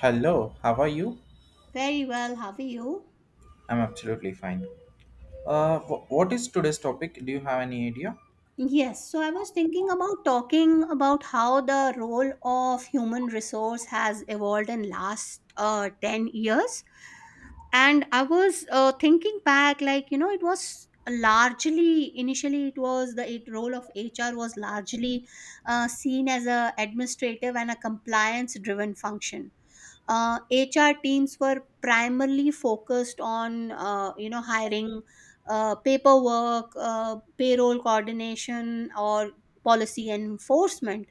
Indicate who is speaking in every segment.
Speaker 1: Hello, how are you?
Speaker 2: Very well, how are you?
Speaker 1: I'm absolutely fine. What is today's topic? Do you have any idea?
Speaker 2: Yes, so I was thinking about talking about how the role of human resource has evolved in last 10 years. And I was thinking back, like, you know, it was largely, initially it was the it, role of HR was largely seen as a administrative and a compliance driven function. HR teams were primarily focused on you know hiring paperwork, payroll coordination, or policy enforcement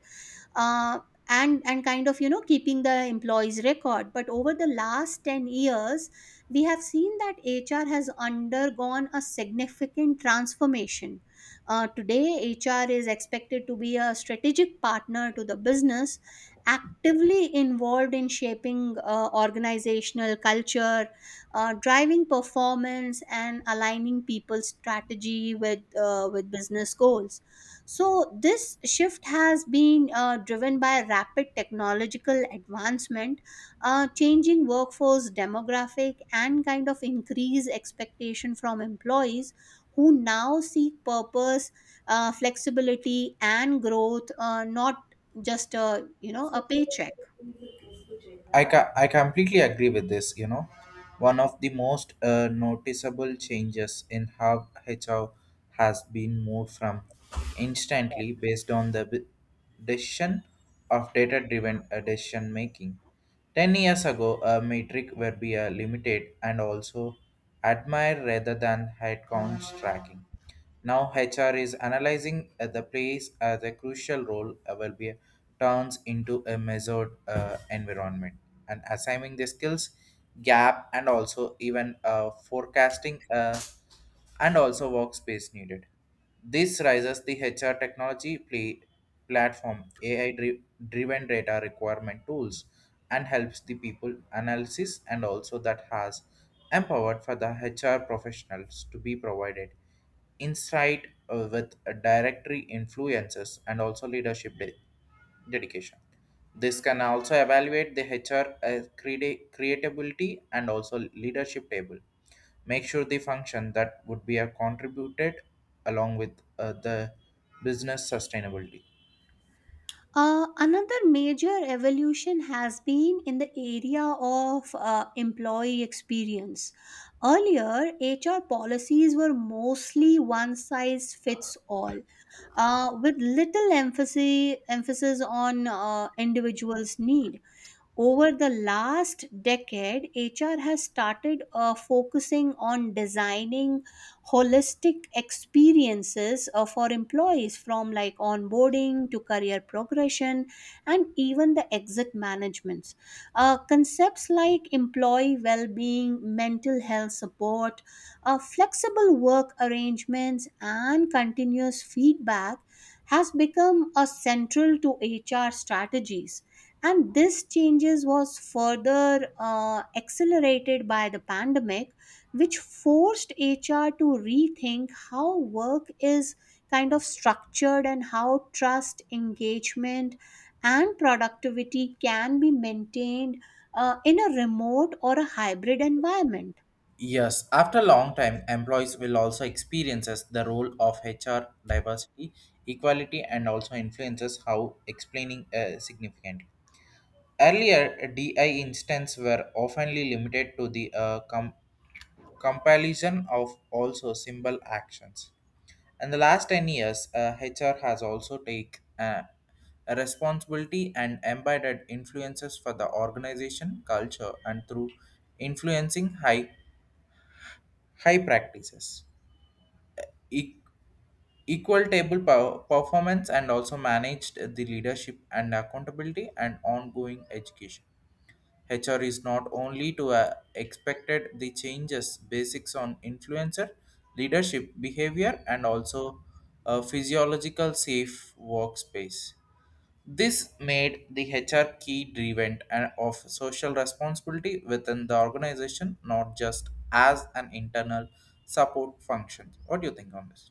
Speaker 2: uh, and kind of you know keeping the employees record. But over the last 10 years we have seen that HR has undergone a significant transformation. Today HR is expected to be a strategic partner to the business, actively involved in shaping organizational culture, driving performance and aligning people's strategy with with business goals. So, this shift has been driven by rapid technological advancement, changing workforce demographic, and kind of increased expectation from employees who now seek purpose, flexibility, and growth, not just a you know a paycheck.
Speaker 1: I completely agree with this. You know, one of the most noticeable changes in how HR has been moved from instantly based on the decision of data-driven decision making. 10 years ago, a metric would be limited and also admired rather than headcount tracking. Now HR is analyzing the place as a crucial role will be turns into a measured environment and assigning the skills gap and also even forecasting and also workspace needed. This raises the HR technology play platform AI driven data requirement tools and helps the people analysis and also that has empowered for the HR professionals to be provided insight with a directory influences and also leadership dedication. This can also evaluate the HR as creatability and also leadership table. Make sure the function that would be a contributed along with the business sustainability.
Speaker 2: Another major evolution has been in the area of employee experience. Earlier, HR policies were mostly one size fits all, with little emphasis on individuals' need. Over the last decade, HR has started focusing on designing holistic experiences for employees from like onboarding to career progression and even the exit managements. Concepts like employee well being, mental health support, flexible work arrangements, and continuous feedback has become a central to HR strategies, and this changes was further accelerated by the pandemic, which forced HR to rethink how work is kind of structured and how trust, engagement, and productivity can be maintained in a remote or a hybrid environment.
Speaker 1: Yes, after a long time, employees will also experiences the role of HR diversity, equality, and also influences how explaining significantly. Earlier, DI instances were oftenly limited to the compilation of also symbol actions. In the last 10 years, HR has also taken a responsibility and embedded influences for the organization culture and through influencing high practices. e- Equal table performance and also managed the leadership and accountability and ongoing education. HR is not only to expected the changes basics on influencer leadership behavior and also a physiological safe workspace. This made the HR key driven and of social responsibility within the organization, not just as an internal support function. What do you think on this?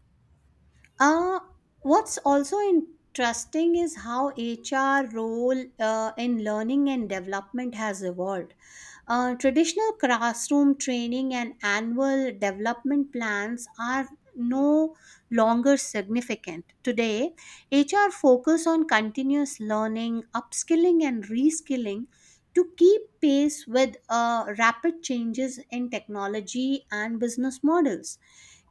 Speaker 2: uh, what's also interesting is how HR role in learning and development has evolved. Traditional classroom training and annual development plans are no longer significant. Today, HR focus on continuous learning, upskilling and reskilling to keep pace with rapid changes in technology and business models.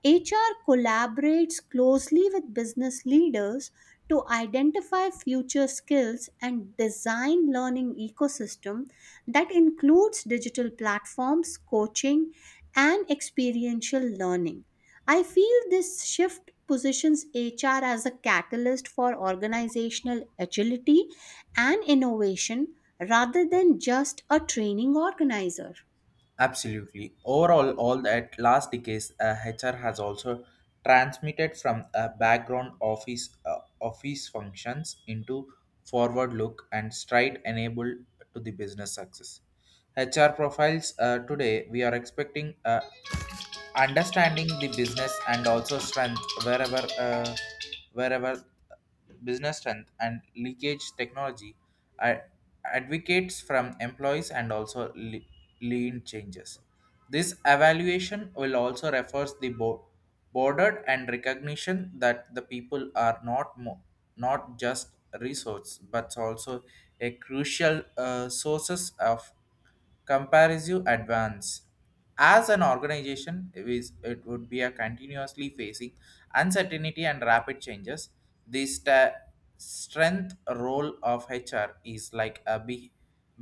Speaker 2: HR collaborates closely with business leaders to identify future skills and design learning ecosystem that includes digital platforms, coaching, and experiential learning. I feel this shift positions HR as a catalyst for organizational agility and innovation rather than just a training organizer.
Speaker 1: Absolutely. Overall, all that last decades, HR has also transmitted from a background office functions into forward look and stride enabled to the business success. HR profiles today we are expecting understanding the business and also strength wherever business strength and leakage technology uh, advocates from employees and also lean changes. This evaluation will also refers the bordered and recognition that the people are not just resource but also a crucial sources of comparative advance. As an organization, it would be a continuously facing uncertainty and rapid changes. The strength role of HR is like a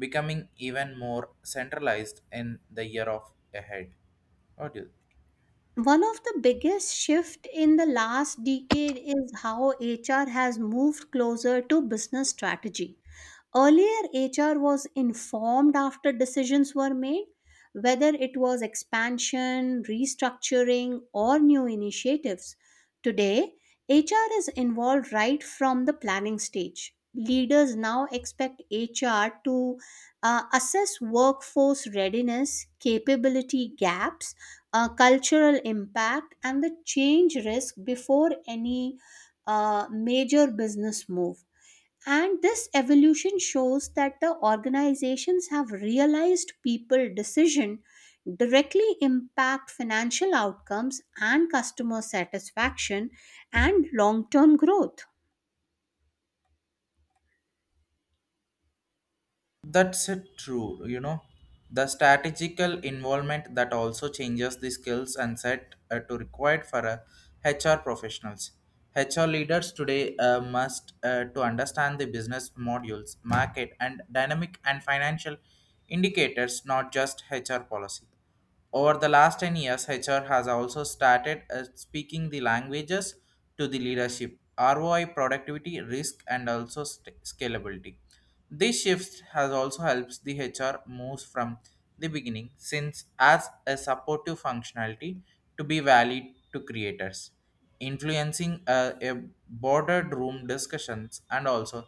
Speaker 1: becoming even more centralized in the year of ahead. What do you—
Speaker 2: One of the biggest shift in the last decade is how HR has moved closer to business strategy. Earlier, HR was informed after decisions were made, whether it was expansion, restructuring, or new initiatives. Today, HR is involved right from the planning stage. Leaders now expect HR to assess workforce readiness, capability gaps, cultural impact, and the change risk before any major business move. And this evolution shows that the organizations have realized people decision directly impact financial outcomes and customer satisfaction and long-term growth.
Speaker 1: That's it, true. You know, the strategical involvement that also changes the skills and set to required for HR professionals. HR leaders today must to understand the business modules, market, and dynamic and financial indicators, not just HR policy. Over the last 10 years, HR has also started speaking the languages to the leadership, ROI, productivity, risk, and also scalability. This shift has also helps the HR moves from the beginning since as a supportive functionality to be valid to creators, influencing a boardroom discussions and also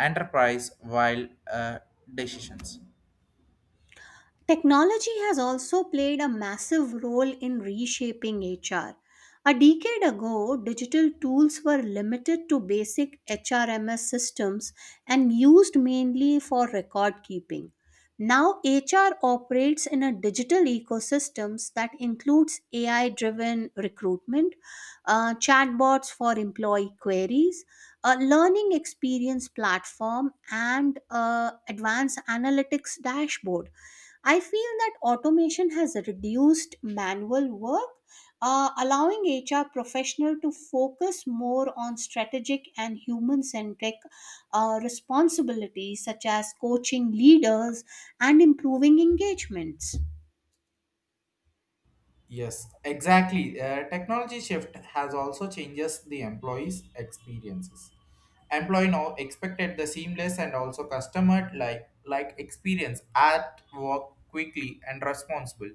Speaker 1: enterprise while decisions.
Speaker 2: Technology has also played a massive role in reshaping HR. A decade ago, digital tools were limited to basic HRMS systems and used mainly for record keeping. Now, HR operates in a digital ecosystems that includes AI driven recruitment, chatbots for employee queries, a learning experience platform, and advanced analytics dashboard. I feel that automation has reduced manual work, allowing HR professional to focus more on strategic and human-centric responsibilities such as coaching leaders and improving engagements.
Speaker 1: Yes, exactly. Technology shift has also changes the employees' experiences. Employee now expected the seamless and also customer like experience at work quickly and responsible.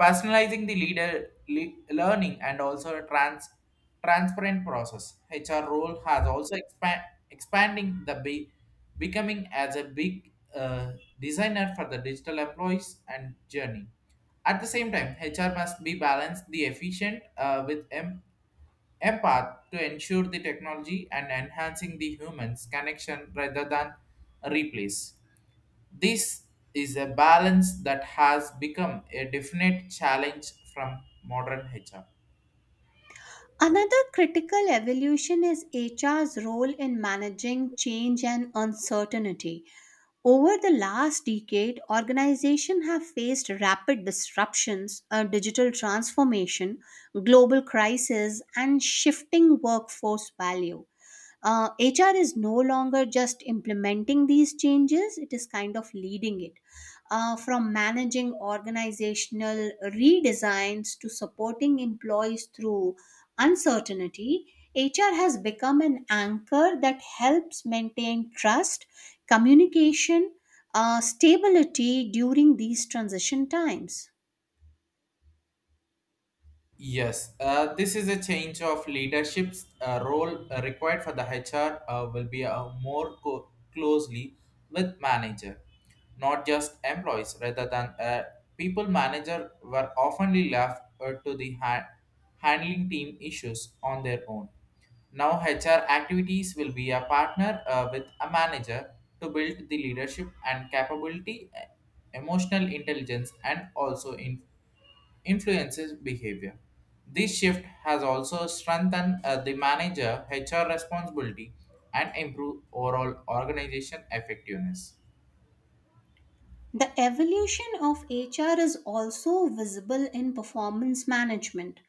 Speaker 1: Personalizing the leader learning and also a transparent process. HR role has also expanding the becoming as a big designer for the digital employees and journey. At the same time, HR must be balanced the efficient with empath to ensure the technology and enhancing the humans connection rather than replace. This is a balance that has become a definite challenge from modern HR.
Speaker 2: Another critical evolution is HR's role in managing change and uncertainty. Over the last decade, organizations have faced rapid disruptions, a digital transformation, global crisis, and shifting workforce value. HR is no longer just implementing these changes, it is kind of leading it. From managing organizational redesigns to supporting employees through uncertainty, HR has become an anchor that helps maintain trust, communication, stability during these transition times.
Speaker 1: Yes, this is a change of leadership's role required for the HR will be more closely with manager, not just employees. Rather than people manager were oftenly left to the handling team issues on their own. Now HR activities will be a partner with a manager to build the leadership and capability, emotional intelligence, and also in influences behavior. This shift has also strengthened the manager HR responsibility and improved overall organization effectiveness.
Speaker 2: The evolution of HR is also visible in performance management.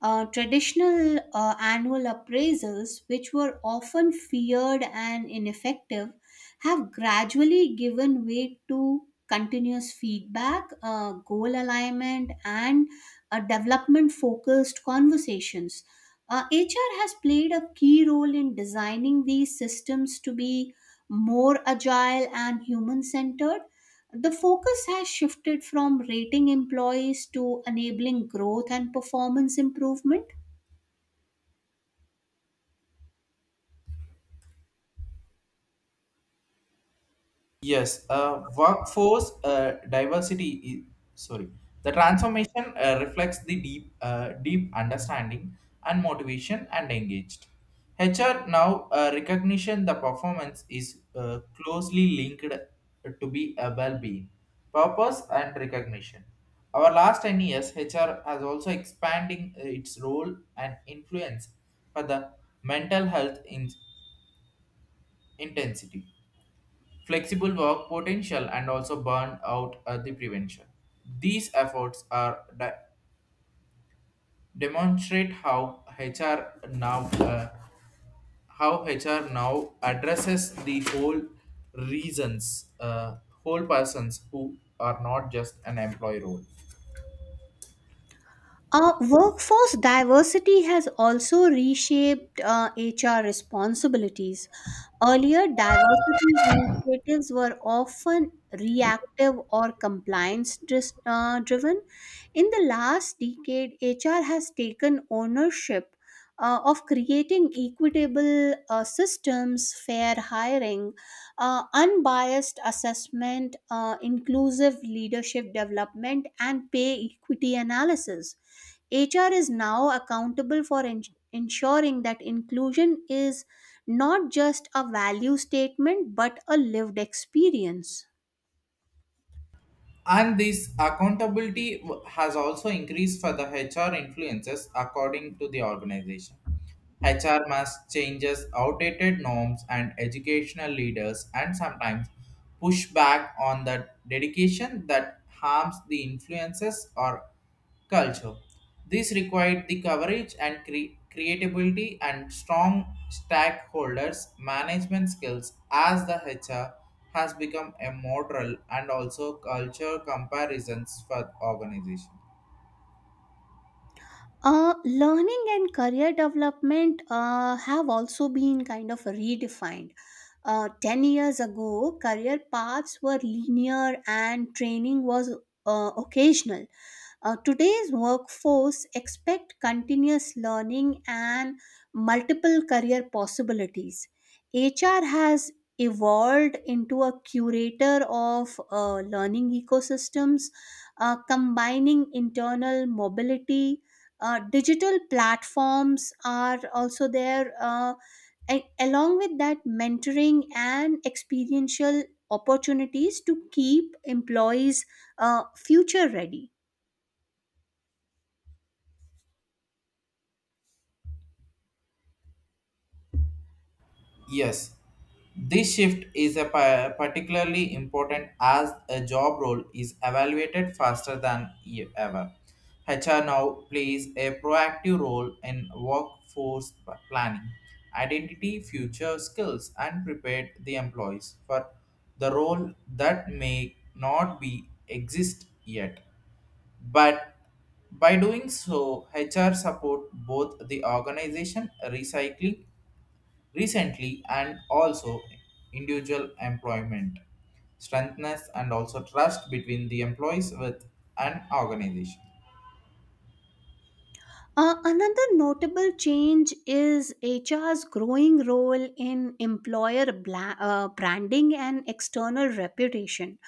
Speaker 2: Traditional annual appraisals, which were often feared and ineffective, have gradually given way to continuous feedback, goal alignment, and development focused conversations. HR has played a key role in designing these systems to be more agile and human centered. The focus has shifted from rating employees to enabling growth and performance improvement.
Speaker 1: Yes, workforce diversity is sorry. The transformation reflects the deep understanding and motivation and engaged. HR now recognition the performance is closely linked to be a well-being, purpose and recognition. Our last 10 years, HR has also expanding its role and influence for the mental health in intensity flexible work potential and also burnout at the prevention. These efforts are demonstrate how HR now uh, how HR now addresses the reasons uh, whole persons who are not just an employee role.
Speaker 2: Workforce diversity has also reshaped HR responsibilities. Earlier, diversity initiatives were often reactive or driven. In the last decade, HR has taken ownership of creating equitable systems, fair hiring, unbiased assessment, inclusive leadership development, and pay equity analysis. HR is now accountable for ensuring that inclusion is not just a value statement but a lived experience.
Speaker 1: And this accountability has also increased for the HR influences according to the organization. HR must changes outdated norms and educational leaders and sometimes push back on the dedication that harms the influences or culture. This required the coverage and creativity and strong stakeholders management skills as the HR has become a model and also culture comparisons for organization.
Speaker 2: Learning and career development have also been kind of redefined. 10 years ago, career paths were linear and training was occasional. Today's workforce expect continuous learning and multiple career possibilities. HR has evolved into a curator of learning ecosystems, combining internal mobility. Digital platforms are also there. Along with that, mentoring and experiential opportunities to keep employees future ready.
Speaker 1: Yes, this shift is a particularly important as a job role is evaluated faster than ever. HR now plays a proactive role in workforce planning, identity, future skills, and prepared the employees for the role that may not be exist yet. But by doing so, HR support both the organization recycling recently and also individual employment strengthness and also trust between the employees with an organization.
Speaker 2: Another notable change is HR's growing role in employer branding and external reputation.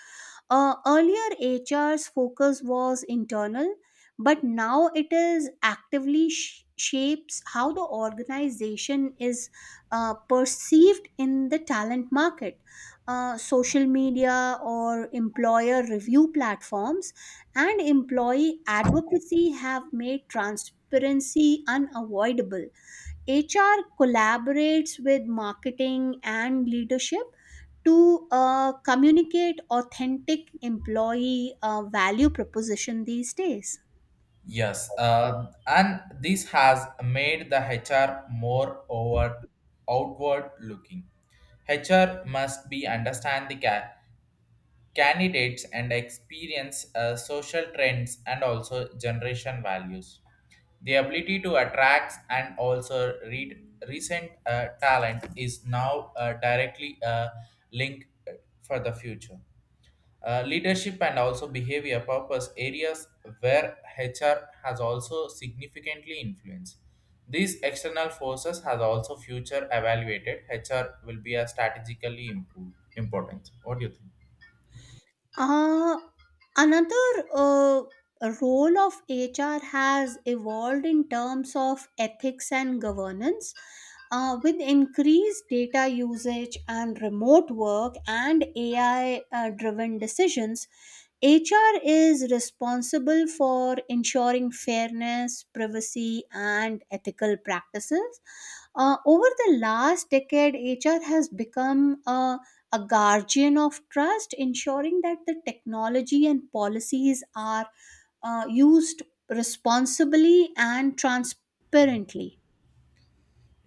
Speaker 2: Earlier, HR's focus was internal, but now it is actively shapes how the organization is perceived in the talent market. Social media or employer review platforms and employee advocacy have made transparency unavoidable. HR collaborates with marketing and leadership to communicate authentic employee value proposition these days.
Speaker 1: Yes, and this has made the HR more over outward looking. HR must be understand the candidates and experience social trends and also generation values. The ability to attract and also read recent talent is now directly linked for the future. Leadership and also behavior purpose areas where HR has also significantly influence. These external forces has also future evaluated. HR will be a strategically improved, important. What do you think?
Speaker 2: Uh, another uh, role of HR has evolved in terms of ethics and governance. With increased data usage and remote work and AI driven decisions, HR is responsible for ensuring fairness, privacy, and ethical practices. Over the last decade, HR has become a guardian of trust, ensuring that the technology and policies are used responsibly and transparently.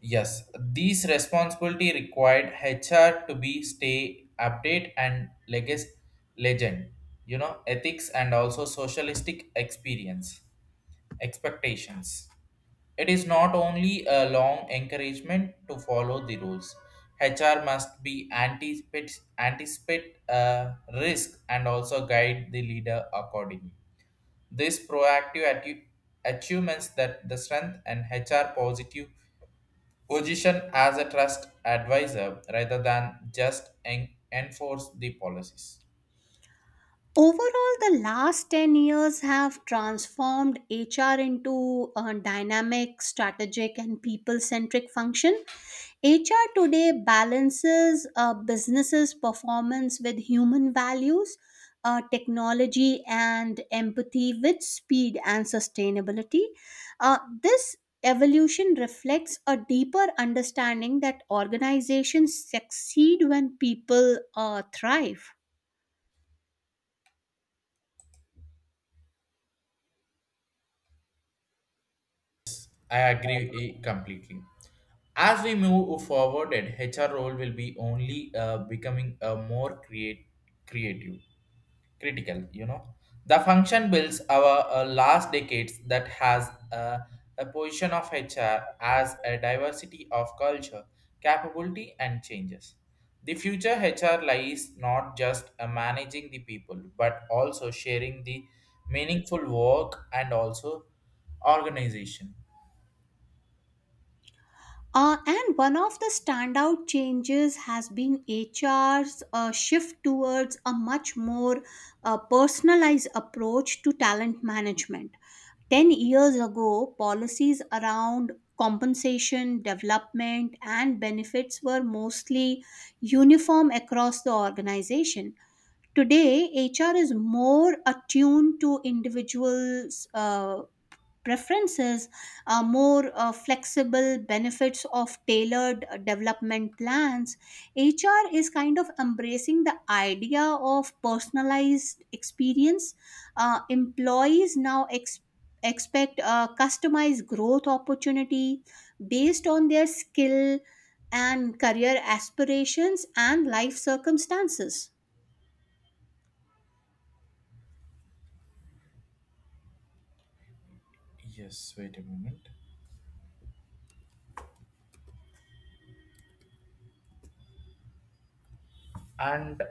Speaker 1: Yes, these responsibility required HR to be stay update and legacy legend, you know, ethics and also socialistic experience expectations. It is not only a long encouragement to follow the rules. HR must be anticipate risk and also guide the leader accordingly. This proactive achievements that the strength and HR positive position as a trust advisor rather than just enforce the policies.
Speaker 2: Overall, the last 10 years have transformed HR into a dynamic, strategic, and people centric function. HR today balances a business's performance with human values, technology, and empathy with speed and sustainability. This evolution reflects a deeper understanding that organizations succeed when people thrive.
Speaker 1: I agree completely. As we move forward, HR role will be only becoming a more creative critical, you know, the function builds our last decades that has a position of HR as a diversity of culture capability and changes. The future HR lies not just managing the people but also sharing the meaningful work and also organization.
Speaker 2: And one of the standout changes has been HR's shift towards a much more personalized approach to talent management. 10 years ago, policies around compensation, development, and benefits were mostly uniform across the organization. Today, HR is more attuned to individuals' preferences, more flexible benefits of tailored development plans. HR is kind of embracing the idea of personalized experience. Employees now expect customized growth opportunity based on their skill and career aspirations and life circumstances.
Speaker 1: Yes, wait a moment. And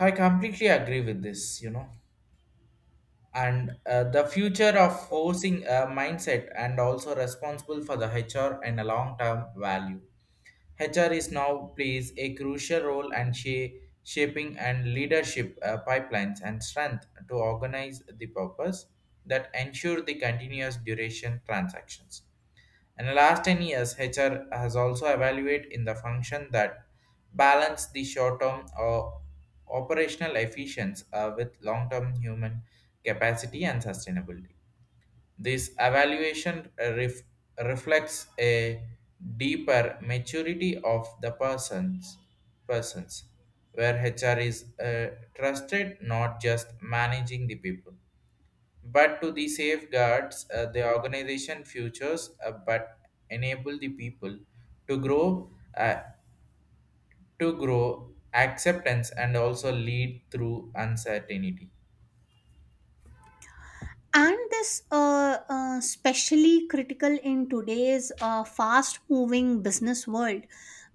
Speaker 1: I completely agree with this, you know, and the future of forcing a mindset and also responsible for the HR and a long-term value. HR is now plays a crucial role and shaping and leadership pipelines and strength to organize the purpose that ensure the continuous duration transactions. In the last 10 years, HR has also evaluated in the function that balance the short-term or operational efficiency with long-term human capacity and sustainability. This evaluation reflects a deeper maturity of the persons where HR is trusted not just managing the people but to the safeguards the organization futures but enable the people to grow uh, to grow acceptance and also lead through uncertainty.
Speaker 2: And this especially critical in today's fast moving business world,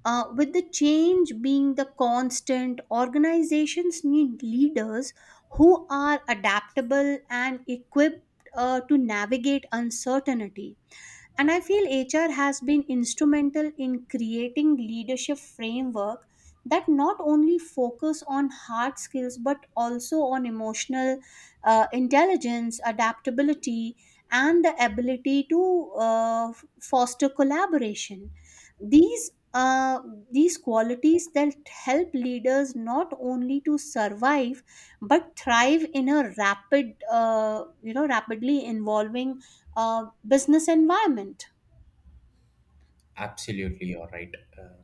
Speaker 2: with the change being the constant organizations need leaders who are adaptable and equipped to navigate uncertainty. And I feel HR has been instrumental in creating leadership framework that not only focus on hard skills but also on emotional intelligence, adaptability, and the ability to foster collaboration. These uh, these qualities that help leaders not only to survive but thrive in a rapid rapidly evolving business environment.
Speaker 1: Absolutely, you're right. uh,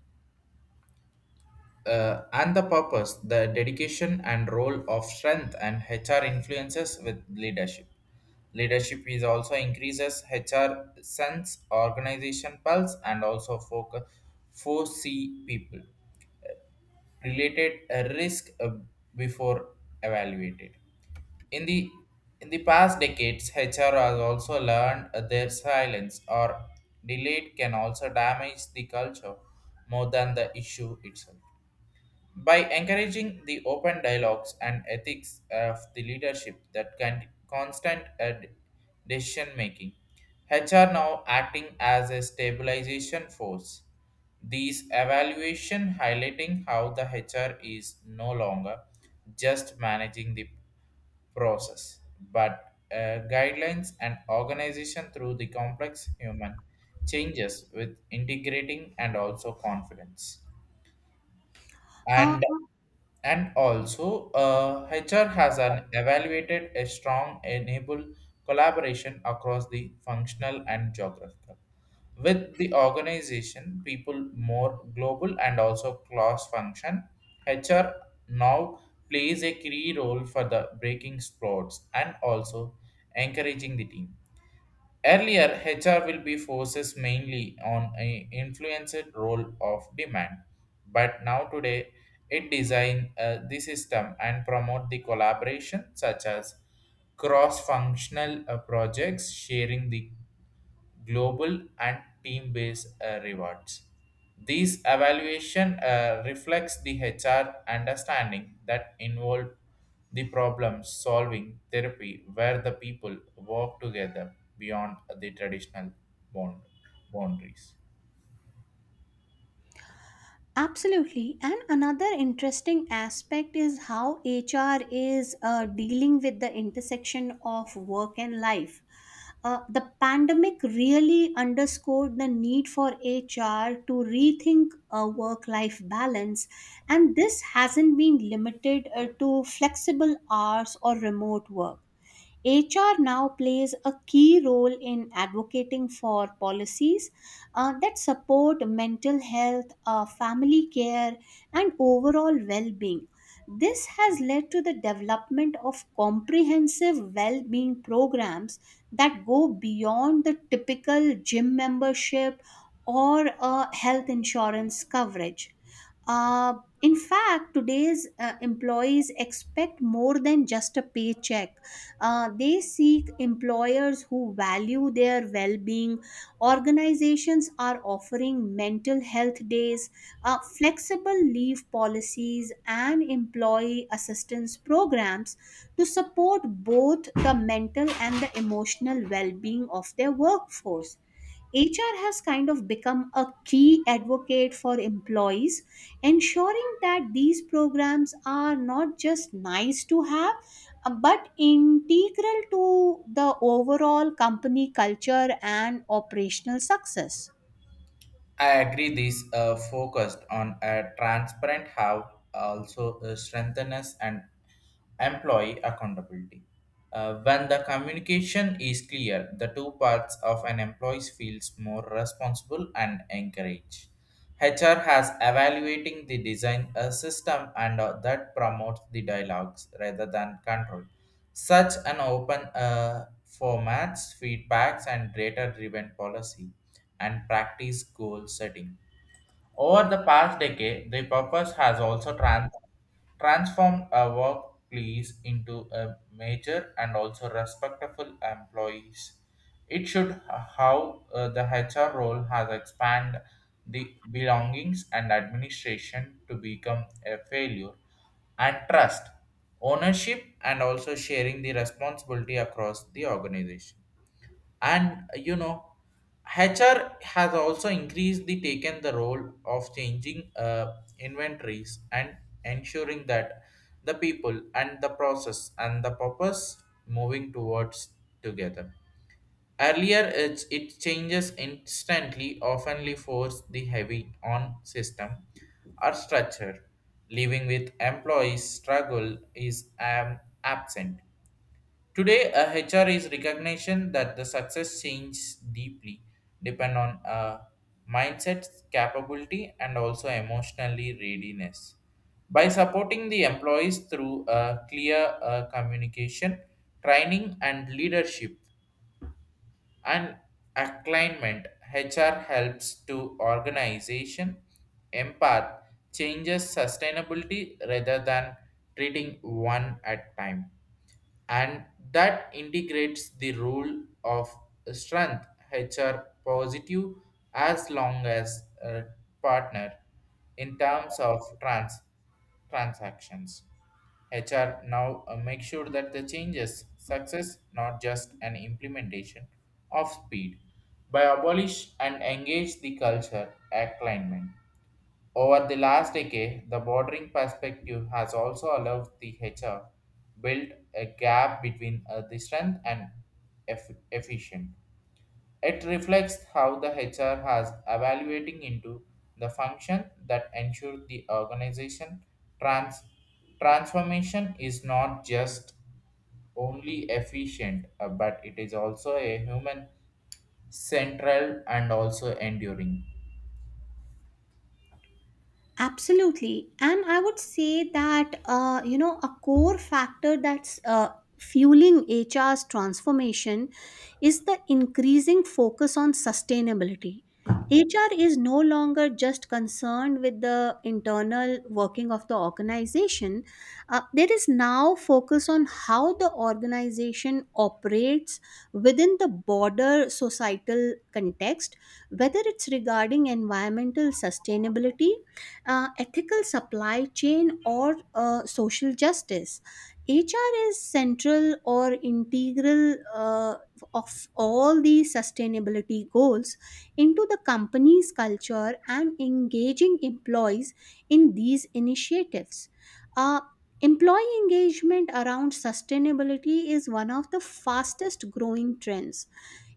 Speaker 1: uh, And the purpose the dedication and role of strength and HR influences with leadership is also increases HR sense organization pulse and also focus foresee people related a risk before evaluated. In the in the past decades, HR has also learned their silence or delayed can also damage the culture more than the issue itself. By encouraging the open dialogues and ethics of the leadership that can constant decision making, HR now acting as a stabilization force. These evaluation highlighting how the HR is no longer just managing the process, but guidelines and organization through the complex human changes with integrating and also confidence.
Speaker 2: Uh,
Speaker 1: And and also, HR has an evaluated a strong enable collaboration across the functional and geographical. With the organization, people more global and also cross function, HR now plays a key role for the breaking sports and also encouraging the team. Earlier, HR will be focused mainly on a influenced role of demand, but now today it design the system and promote the collaboration such as cross-functional projects, sharing the global and team-based rewards. These evaluation reflects the HR understanding that involve the problem solving therapy where the people work together beyond the traditional bond boundaries.
Speaker 2: Absolutely. And another interesting aspect is how HR is dealing with the intersection of work and life. The pandemic really underscored the need for HR to rethink a work life balance, and this hasn't been limited to flexible hours or remote work. HR now plays a key role in advocating for policies that support mental health, family care, and overall well being. This has led to the development of comprehensive well being programs that go beyond the typical gym membership or health insurance coverage. Uh, in fact, today's employees expect more than just a paycheck. They seek employers who value their well being. Organizations are offering mental health days, flexible leave policies, and employee assistance programs to support both the mental and the emotional well being of their workforce. HR has kind of become a key advocate for employees, ensuring that these programs are not just nice to have, but integral to the overall company culture and operational success.
Speaker 1: I agree. These focused on a transparent have also strengthened and employee accountability. When the communication is clear, the two parts of an employee feels more responsible and encouraged. HR has evaluating the design system and that promotes the dialogues rather than control. Such an open formats, feedbacks, and data driven policy and practice goal setting over the past decade, the purpose has also transformed a workplace into a major and also respectful employees. It should how the HR role has expanded the belongings and administration to become a failure and trust, ownership, and also sharing the responsibility across the organization. And you know, HR has also increased the taken the role of changing inventories and ensuring that the people and the process and the purpose moving towards together. Earlier it changes instantly oftenly force the heavy on system or structure leaving with employees struggle is absent. Today, a HR is recognition that the success changes deeply, depend on a mindset, capability, and also emotionally readiness. By supporting the employees through a clear communication, training, and leadership and alignment, HR helps to organization empath changes sustainability rather than treating one at time. And that integrates the rule of strength HR positive as long as a partner in terms of transactions. HR now make sure that the changes success not just an implementation of speed by abolish and engage the culture alignment over the last decade, the bordering perspective has also allowed the HR build a gap between the strength and efficient. It reflects how the HR has evaluating into the function that ensure the organization trans- transformation is not just only efficient, but it is also a human central and also enduring.
Speaker 2: Absolutely. And I would say that, you know, a core factor that's fueling HR's transformation is the increasing focus on sustainability. HR is no longer just concerned with the internal working of the organization. There is now focus on how the organization operates within the broader societal context, whether it's regarding environmental sustainability, ethical supply chain, or social justice. HR is central or integral of all these sustainability goals into the company's culture and engaging employees in these initiatives. Uh, Employee engagement around sustainability is one of the fastest growing trends.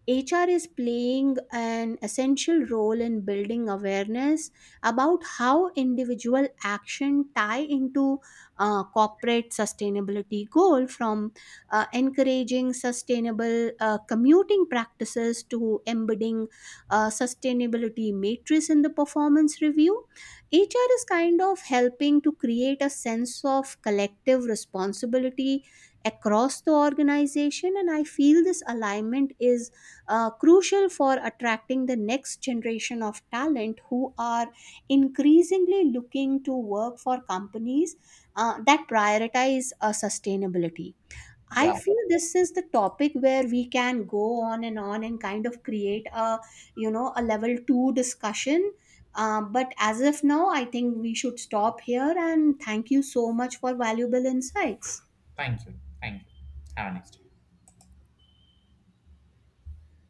Speaker 2: HR is playing an essential role in building awareness about how individual action tie into corporate sustainability goal, from encouraging sustainable commuting practices to embedding sustainability matrix in the performance review. HR is kind of helping to create a sense of collective responsibility across the organization, and I feel this alignment is crucial for attracting the next generation of talent who are increasingly looking to work for companies that prioritize sustainability. I
Speaker 1: Yeah.
Speaker 2: feel this is the topic where we can go on and kind of create a you know a level two discussion. But as of now, I think we should stop here, and thank you so much for valuable insights.
Speaker 1: Thank you. Thank you. Have a nice day.